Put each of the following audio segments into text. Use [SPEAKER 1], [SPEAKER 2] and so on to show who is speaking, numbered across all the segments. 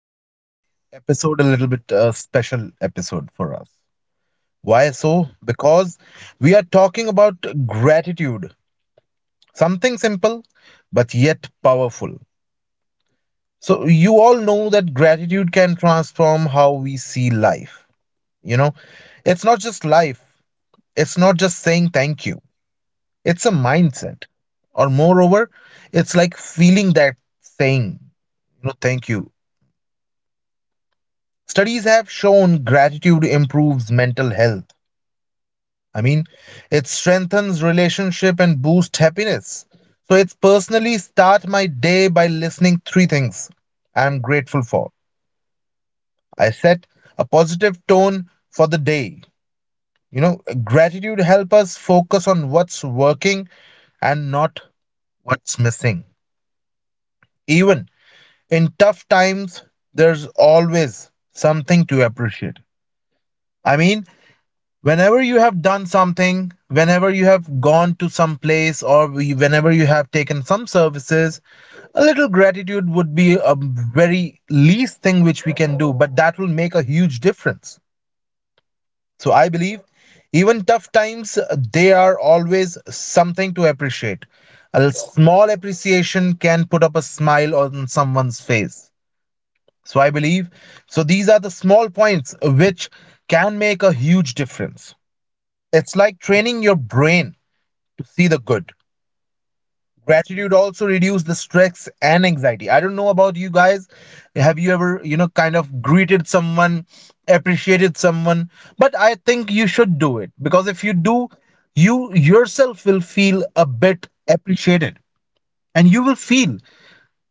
[SPEAKER 1] Today's episode a little bit special episode for us. Why so? Because we are talking about gratitude. Something simple but yet powerful. So you all know that gratitude can transform how we see life. You know, it's not just life. It's not just saying thank you. It's a mindset. Or moreover, it's like feeling that saying thank you. Studies have shown gratitude improves mental health. I mean, it strengthens relationship and boosts happiness. So it's personally start my day by listening three things I'm grateful for. I set a positive tone for the day. You know, gratitude help us focus on what's working and not what's missing. Even in tough times, there's always something to appreciate. I mean, whenever you have done something, whenever you have gone to some place, or whenever you have taken some services, a little gratitude would be a very least thing which we can do, but that will make a huge difference. So I believe even tough times they are always something to appreciate. A small appreciation can put up a smile on someone's face. So I believe, so these are the small points which can make a huge difference. It's like training your brain to see the good. Gratitude also reduces the stress and anxiety. I don't know about you guys. Have you ever, you know, kind of greeted someone, appreciated someone? But I think you should do it, because if you do, you yourself will feel a bit appreciated, and you will feel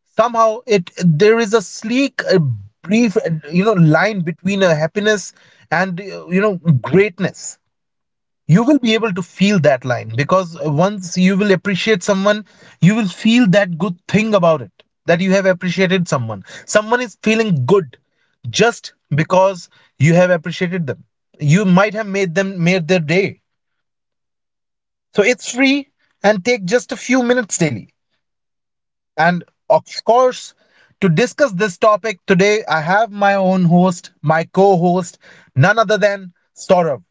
[SPEAKER 1] somehow it there is a sleek a brief you know line between a happiness and you know greatness. You will be able to feel that line, because once you will appreciate someone, you will feel that good thing about it, that you have appreciated someone. Someone is feeling good just because you have appreciated them. You might have made them made their day. So it's free and take just a few minutes daily. And of course, to discuss this topic today, I have my own host, my co host, none other than Saurav.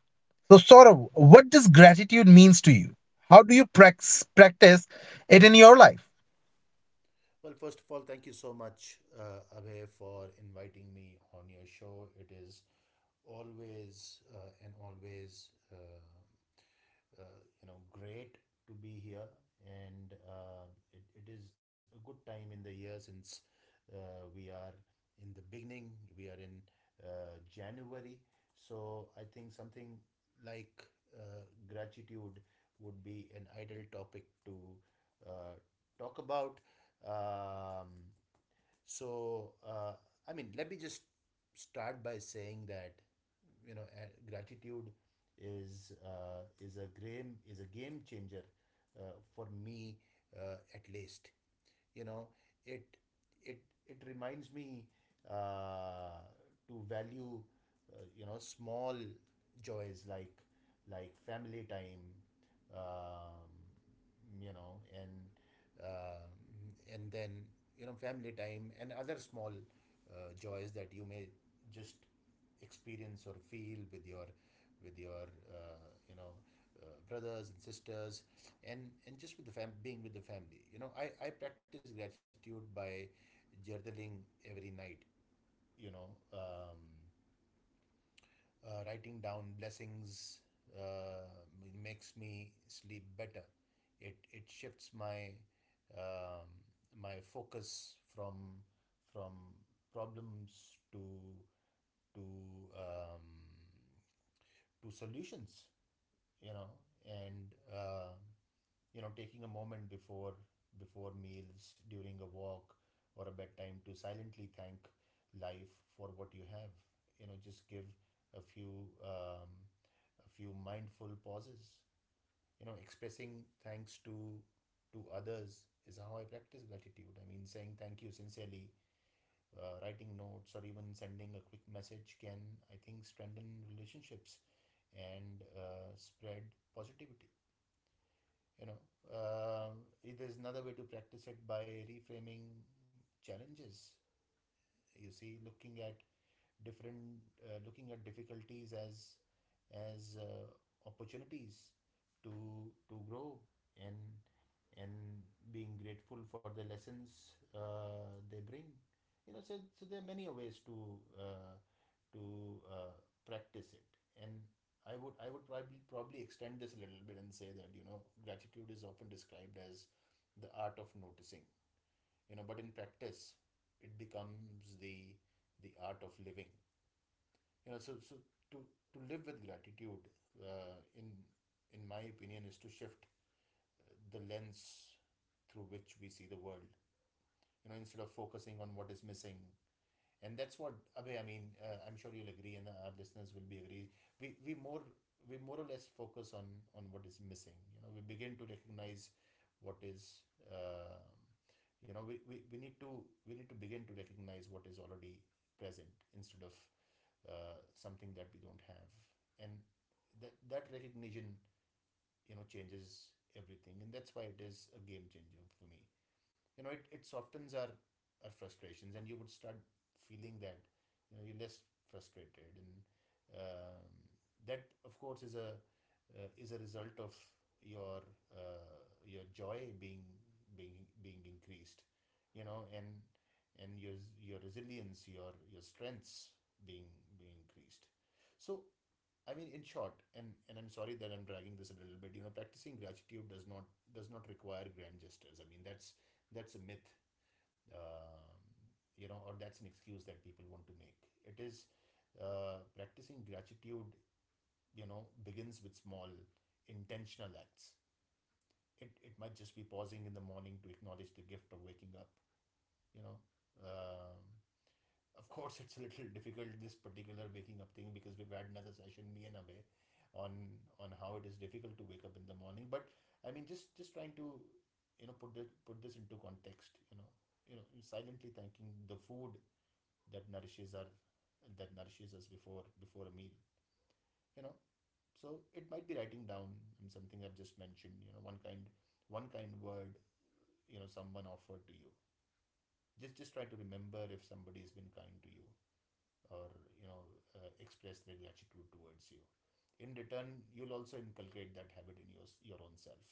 [SPEAKER 1] So, Saurav, what does gratitude means to you? How do you practice it in your life?
[SPEAKER 2] Well, first of all, thank you so much, Abhay, for inviting me on your show. It is always and always, uh, you know, great to be here, and it is a good time in the year since we are in the beginning. We are in January, so I think something like uh, gratitude would be an ideal topic to uh, talk about. Um, so, uh, I mean, let me just start by saying that gratitude is a game changer for me at least. You know, it it it reminds me uh, to value you know small joys like family time, um, you know uh, and then you know family time and other small joys that you may just experience or feel with your brothers and sisters, and just with the fam being with the family. You know, I practice gratitude by journaling every night, you know. um, Writing down blessings uh, makes me sleep better. It shifts my um, my focus from from problems to to um, to solutions. You know, and you know, taking a moment before meals, during a walk or a bedtime, to silently thank life for what you have. You know, just give a few um, a few mindful pauses, you know. Expressing thanks to others is how I practice gratitude. I mean, saying thank you sincerely, writing notes, or even sending a quick message can, I think, strengthen relationships and spread positivity, you know. um, there's another way to practice it, by reframing challenges. You see, looking at different difficulties as as uh, opportunities to grow, and and being grateful for the lessons they bring. You know, so there are many ways to uh, to uh, practice it, and I would probably extend this a little bit and say that, you know, gratitude is often described as the art of noticing. You know, but in practice, it becomes the art of living. You know, so to live with gratitude uh, in in my opinion is to shift the lens through which we see the world, you know, instead of focusing on what is missing. And that's what, Abhay, I mean, I'm sure you'll agree, and our listeners will be agree. We we more we more or less focus on what is missing. You know, we begin to recognize what is. Uh, you know, we need to begin to recognize what is already present, instead of something that we don't have, and that recognition, you know, changes everything. And that's why it is a game changer for me. You know, it softens our frustrations, and you would start feeling that, you know, you're less frustrated. And um, that, of course, is a result of your uh, your joy being increased, you know, and your resilience, your strengths being increased. So I mean, in short, and I'm sorry that I'm dragging this a little bit. You know, practicing gratitude does not require grand gestures. I mean, that's a myth, um, you know, or that's an excuse that people want to make. It is, practicing gratitude, you know, begins with small, intentional acts. It might just be pausing in the morning to acknowledge the gift of waking up. You know, um, of course it's a little difficult, this particular waking up thing, because we've had another session, me and Abhay, on how it is difficult to wake up in the morning. But I mean, just trying to, you know, put this into context. You know, silently thanking the food that nourishes our that nourishes us before a meal, you know. So it might be writing down, something I've just mentioned, you know, one kind word, you know, someone offered to you. Just try to remember if somebody has been kind to you or, you know, express their gratitude towards you. In return, you'll also inculcate that habit in your own self,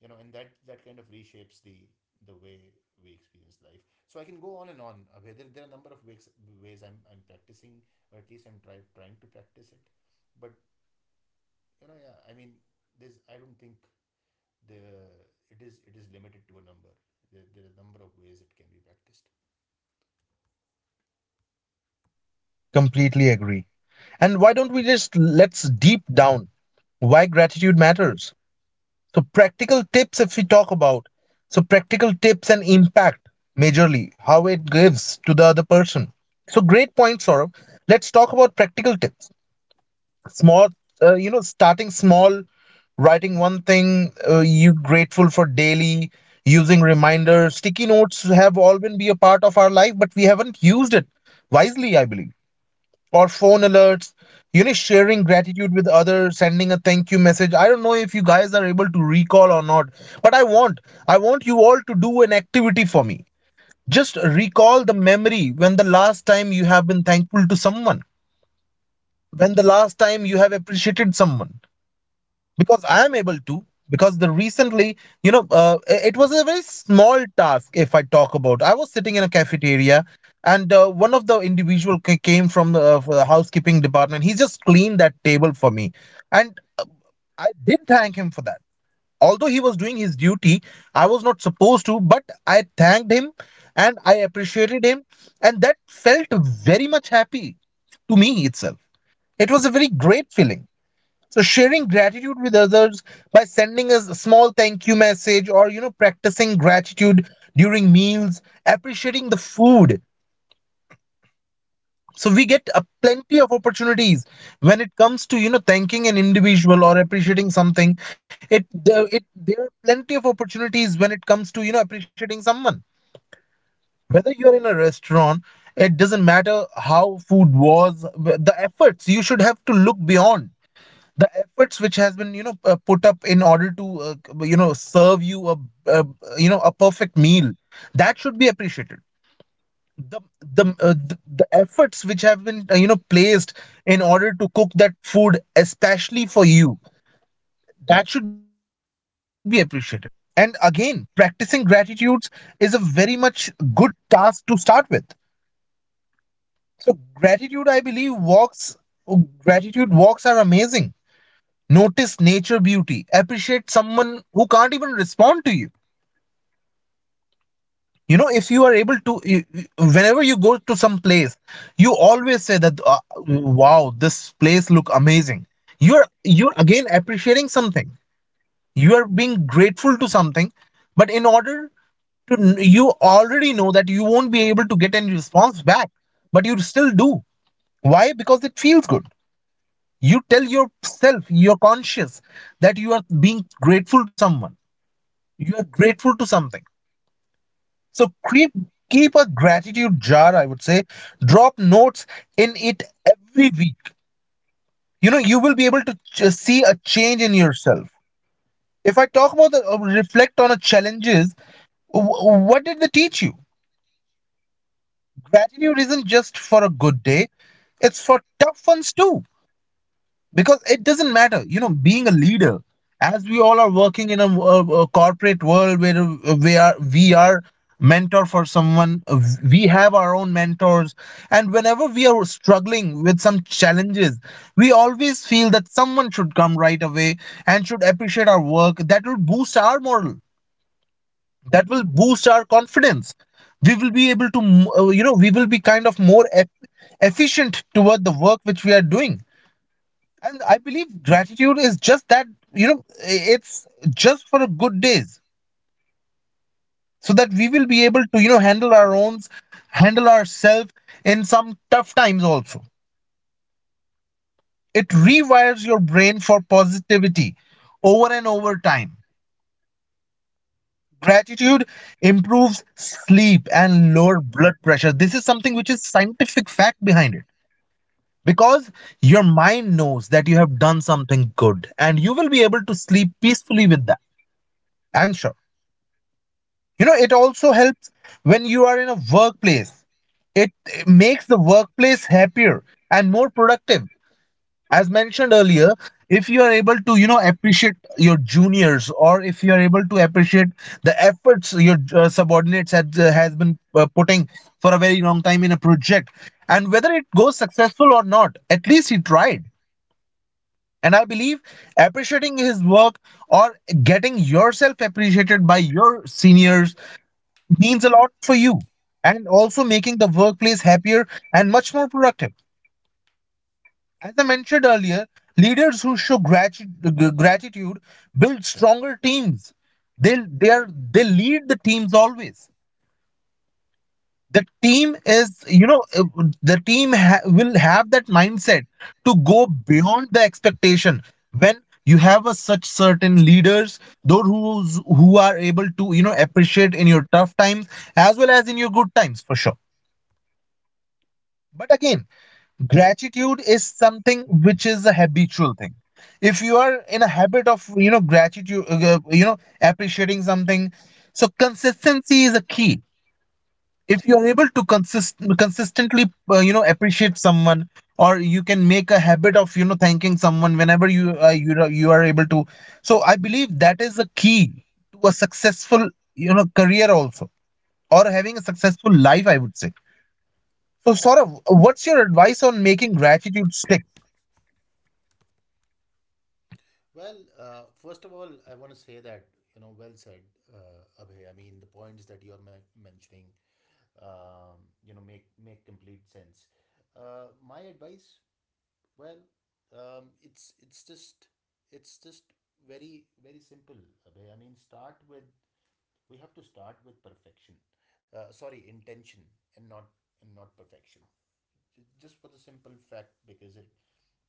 [SPEAKER 2] you know. And that kind of reshapes the way we experience life. So I can go on and on, Abhay. There are a number of ways, ways I'm practicing, or at least trying to practice it. But you know, yeah, I mean, there's I don't think the it is limited to a number. There are a number of ways it can be practiced.
[SPEAKER 1] Completely agree. And why don't we just let's deep down why gratitude matters? So practical tips if we talk about. So practical tips and impact majorly, how it gives to the other person. So great point, Saurabh. Let's talk about practical tips. Small, you know, starting small, writing one thing you grateful for daily, using reminders. Sticky notes have all been be a part of our life, but we haven't used it wisely, I believe, or phone alerts. You know, sharing gratitude with others, sending a thank you message. I don't know if you guys are able to recall or not, but I want you all to do an activity for me. Just recall the memory when the last time you have been thankful to someone, when the last time you have appreciated someone, because I am able to. Because the recently, you know, it was a very small task. If I talk about, I was sitting in a cafeteria, and one of the individual came from the, for the housekeeping department. He just cleaned that table for me, and I did thank him for that. Although he was doing his duty, I was not supposed to, but I thanked him, and I appreciated him, and that felt very much happy to me itself. It was a very great feeling. So sharing gratitude with others by sending us a small thank you message, or you know, practicing gratitude during meals, appreciating the food. So we get a plenty of opportunities when it comes to you know thanking an individual or appreciating something. It there are plenty of opportunities when it comes to you know appreciating someone. Whether you're in a restaurant, it doesn't matter how food was, the efforts you should have to look beyond. The efforts which has been you know put up in order to you know serve you a you know a perfect meal, that should be appreciated. The the, uh, the the efforts which have been you know placed in order to cook that food especially for you, that should be appreciated. And again, practicing gratitudes is a very much good task to start with. So gratitude I believe walks, gratitude walks are amazing. Notice nature beauty. Appreciate someone who can't even respond to you. You know, if you are able to, whenever you go to some place, you always say that, "Wow, this place look amazing." You're you're again appreciating something. You are being grateful to something, but in order to, you already know that you won't be able to get any response back, but you still do. Why? Because it feels good. You tell yourself, you're conscious that you are being grateful to someone, you are grateful to something. So keep a gratitude jar, I would say, drop notes in it every week. You know, you will be able to see a change in yourself. If I talk about the reflect on a challenges, what did they teach you. Gratitude isn't just for a good day, it's for tough ones too. Because it doesn't matter, you know, being a leader, as we all are working in a corporate world where we are mentor for someone. We have our own mentors, and whenever we are struggling with some challenges, we always feel that someone should come right away and should appreciate our work. That will boost our moral, that will boost our confidence. We will be able to you know, we will be kind of more efficient toward the work which we are doing. And I believe gratitude is just that, you know, it's just for a good days, so that we will be able to, you know, handle our own, handle ourselves in some tough times also. It rewires your brain for positivity over and over time. Gratitude improves sleep and lower blood pressure. This is something which is scientific fact behind it, because your mind knows that you have done something good, and you will be able to sleep peacefully with that. I'm sure. You know, it also helps when you are in a workplace. It makes the workplace happier and more productive. As mentioned earlier, if you are able to you know appreciate your juniors, or if you are able to appreciate the efforts your subordinates has been putting for a very long time in a project, and whether it goes successful or not, at least he tried. And I believe appreciating his work, or getting yourself appreciated by your seniors, means a lot for you. And also making the workplace happier and much more productive. As I mentioned earlier, leaders who show gratitude build stronger teams. They lead the teams always. The team is you know will have that mindset to go beyond the expectation when you have a such certain leaders who are able to you know appreciate in your tough times as well as in your good times for sure. But again, gratitude is something which is a habitual thing. If you are in a habit of, you know, gratitude, you know, appreciating something, so consistency is a key. If you are able to consistently, you know, appreciate someone, or you can make a habit of, you know, thanking someone whenever you you know, you are able to. So I believe that is a key to a successful, you know, career also, or having a successful life, I would say. So, Saurav, what's your advice on making gratitude stick?
[SPEAKER 2] Well, first of all, I want to say that, you know, well said, Abhay. I mean, the points that you're mentioning, um, you know, make complete sense. My advice, well, it's just very simple, Abhay. I mean, start with, we have to start with perfection. Sorry, intention and not, perfection. Just for the simple fact, because it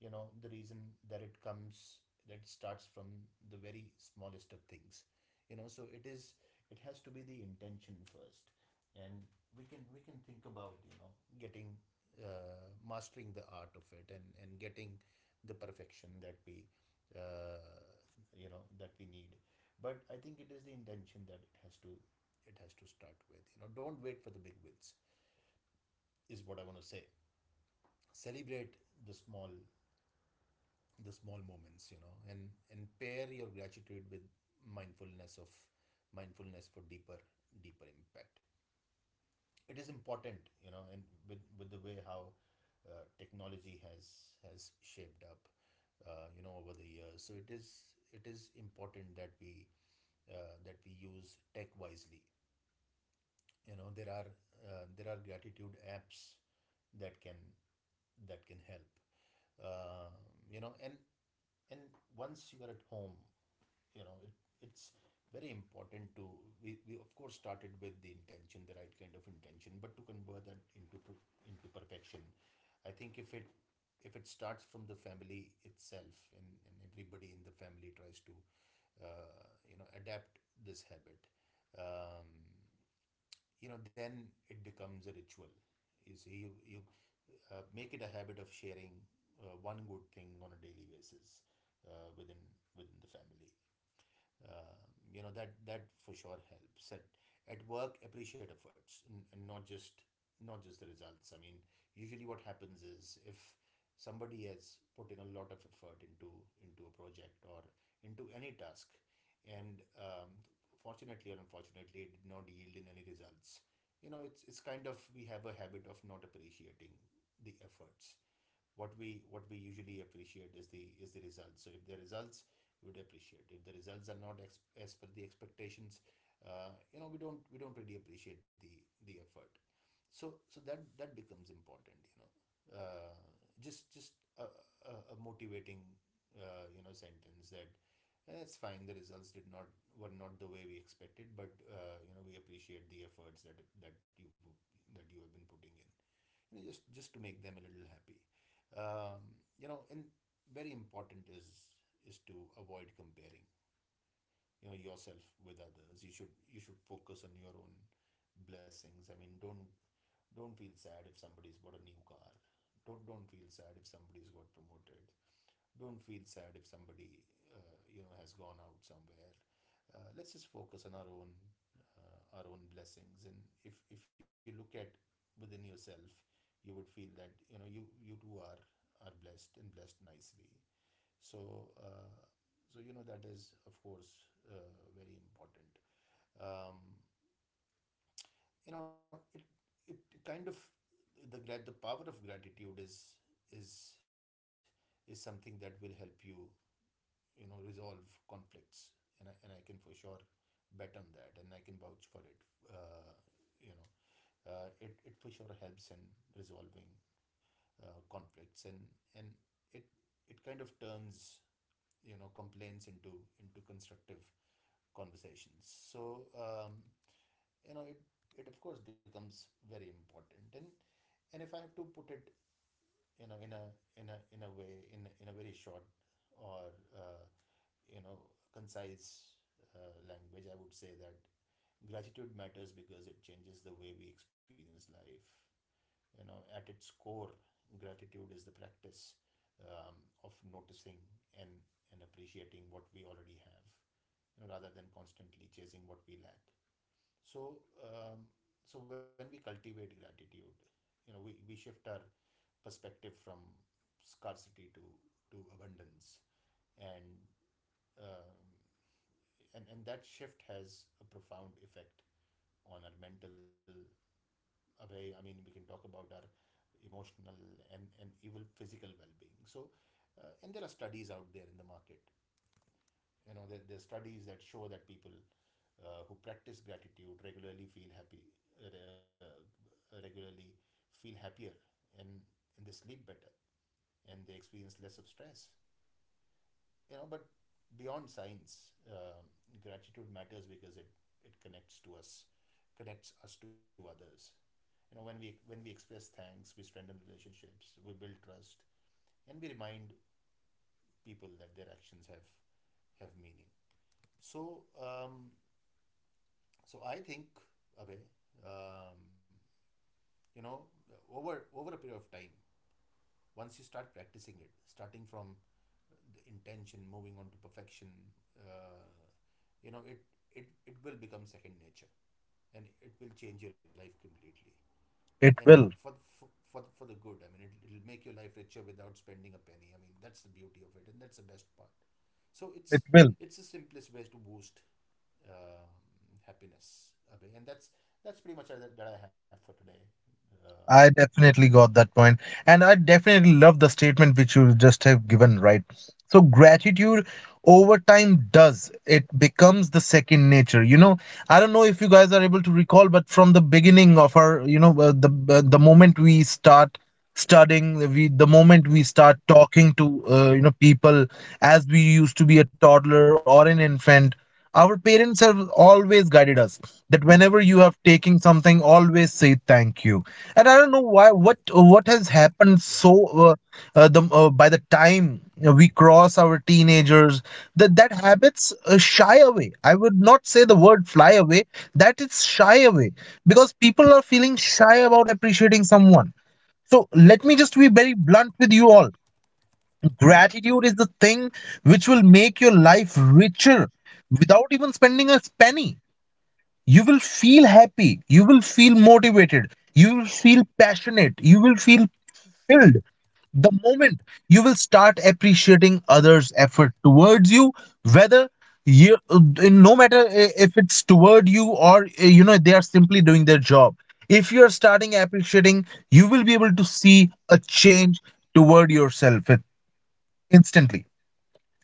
[SPEAKER 2] you know, the reason that it comes that it starts from the very smallest of things, you know. So it is, it has to be the intention first, and we can think about, you know, getting, mastering the art of it, and getting the perfection that we uh, you know, that we need. But I think it is the intention that it has to start with. You know, don't wait for the big wins, is what I want to say. Celebrate the small the small moments, you know, and pair your gratitude with mindfulness of mindfulness for deeper impact. It is important, you know. And with the way how technology has shaped up, you know, over the years, so it is, it is important that we use tech wisely. You know, there are, there are gratitude apps that can help, uh, you know. And once you are at home, you know, it's very important to, we of course started with the intention, the right kind of intention, but to convert that into perfection, I think, if it starts from the family itself, and everybody in the family tries to, you know, adapt this habit, um, you know, then it becomes a ritual. You see, you make it a habit of sharing one good thing on a daily basis, uh, within within the family, uh, you know. That for sure helps. At work, appreciate efforts, and not just, the results. I mean, usually what happens is, if somebody has put in a lot of effort into a project, or into any task, and fortunately or unfortunately, it did not yield in any results, you know, it's kind of, we have a habit of not appreciating the efforts. What we usually appreciate is the results. So if the results, we would appreciate, if the results are not as per the expectations, you know, we don't, really appreciate the effort. So that becomes important, you know. uh, just a motivating, you know, sentence that, "Eh, it's fine, the results did not, were not the way we expected, but, you know, we appreciate the efforts that, that you have been putting in." You know, just to make them a little happy, um, you know. And very important is, to avoid comparing, you know, yourself with others. You should, focus on your own blessings. I mean, don't feel sad if somebody's bought a new car, don't feel sad if somebody's got promoted, don't feel sad if somebody, you know, has gone out somewhere. Let's just focus on our own blessings. And if you look at within yourself, you would feel that, you know, you too are blessed, and blessed nicely. So you know, that is, of course, very important. Um, you know, it kind of, the power of gratitude is, is is something that will help you, you know, resolve conflicts. And I can, for sure, bet on that, and I can vouch for it. uh, you know, it for sure helps in resolving conflicts, and it it kind of turns, you know, complaints into constructive conversations. So you know, it, of course, becomes very important. And if I have to put it, you know, in a very short, or you know, concise, language, I would say that gratitude matters because it changes the way we experience life. You know, at its core, gratitude is the practice, um, of noticing and appreciating what we already have, you know, rather than constantly chasing what we lack. So so when we cultivate gratitude, you know, we shift our perspective from scarcity to abundance. And um, and that shift has a profound effect on our mental away. I mean, we can talk about our emotional, and even physical well-being. So and there are studies out there in the market. You know, there are studies that show that people, who practice gratitude regularly, feel happy regularly feel happier, and they sleep better, and they experience less of stress, you know. But beyond science, gratitude matters because it connects us to others. You know, when we, express thanks, we strengthen relationships, we build trust, and we remind people that their actions have meaning. So um, so I think, Abhay, um, you know, over a period of time, once you start practicing it, starting from the intention, moving on to perfection, uh, you know, it will become second nature, and it will change your life completely, and
[SPEAKER 1] It will.
[SPEAKER 2] for for the good. I mean, it'll make your life richer without spending a penny. I mean, that's the beauty of it, and that's the best part. So it's
[SPEAKER 1] It will.
[SPEAKER 2] it's the simplest way to boost um, happiness, Abhay. And that's, that I have for today. um,
[SPEAKER 1] I definitely got that point, and I definitely love the statement which you just have given, right? So gratitude over time does it becomes the second nature. You know, I don't know if you guys are able to recall, but from the beginning of our, you know, the moment we start studying, we the moment we start talking to, you know, people, as we used to be a toddler or an infant, our parents have always guided us that whenever you have taken something, always say thank you. And I don't know why what has happened
[SPEAKER 2] yeah.
[SPEAKER 1] so uh, the by the time we cross our teenagers, that that habits shy away, I would not say the word fly away, that it's shy away, because people are feeling shy about appreciating someone. So let me just be very blunt with you all. Gratitude is the thing which will make your life richer without even spending a penny. You will feel happy, you will feel motivated, you will feel passionate, you will feel filled the moment you will start appreciating others effort towards you. Whether you, no matter if it's toward you, or you know, they are simply doing their job. If you are starting appreciating, you will be able to see a change toward yourself instantly.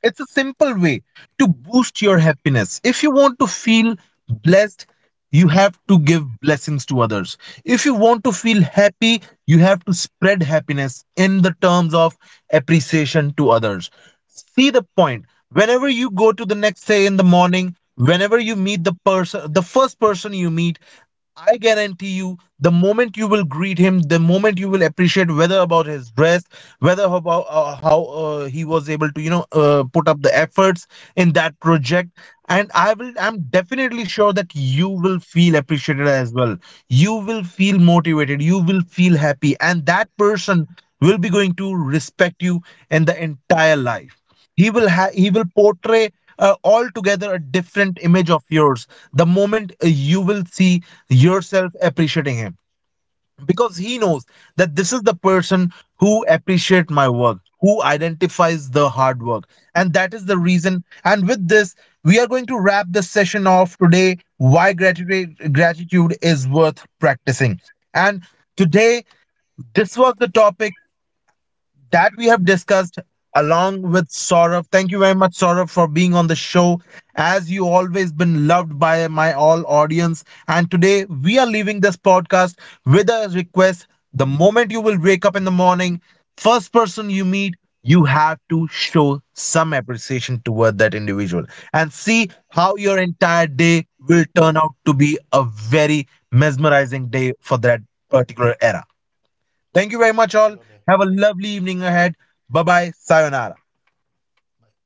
[SPEAKER 1] It's a simple way to boost your happiness. If you want to feel blessed, you have to give blessings to others. If you want to feel happy, you have to spread happiness in the terms of appreciation to others. See the point. Whenever you go to the next day in the morning, whenever you meet the person, the first person you meet, I guarantee you, the moment you will greet him, the moment you will appreciate whether about his dress, whether about how he was able to, you know, put up the efforts in that project, and I will, I'm definitely sure that you will feel appreciated as well. You will feel motivated. You will feel happy, and that person will be going to respect you in the entire life. He will portray altogether a different image of yours the moment you will see yourself appreciating him, because he knows that this is the person who appreciate my work, who identifies the hard work. And that is the reason, and with this we are going to wrap this session off today. Why gratitude is worth practicing. And today this was the topic that we have discussed along with Saurabh. Thank you very much, Saurabh, for being on the show. As you always been loved by my all audience. And today we are leaving this podcast with a request. The moment you will wake up in the morning, first person you meet, you have to show some appreciation toward that individual, and see how your entire day will turn out to be a very mesmerizing day for that particular era. Thank you very
[SPEAKER 2] Thank
[SPEAKER 1] much,
[SPEAKER 2] you,
[SPEAKER 1] all.
[SPEAKER 2] Abhay.
[SPEAKER 1] Have a lovely evening ahead. Bye bye. Sayonara.
[SPEAKER 2] Bye.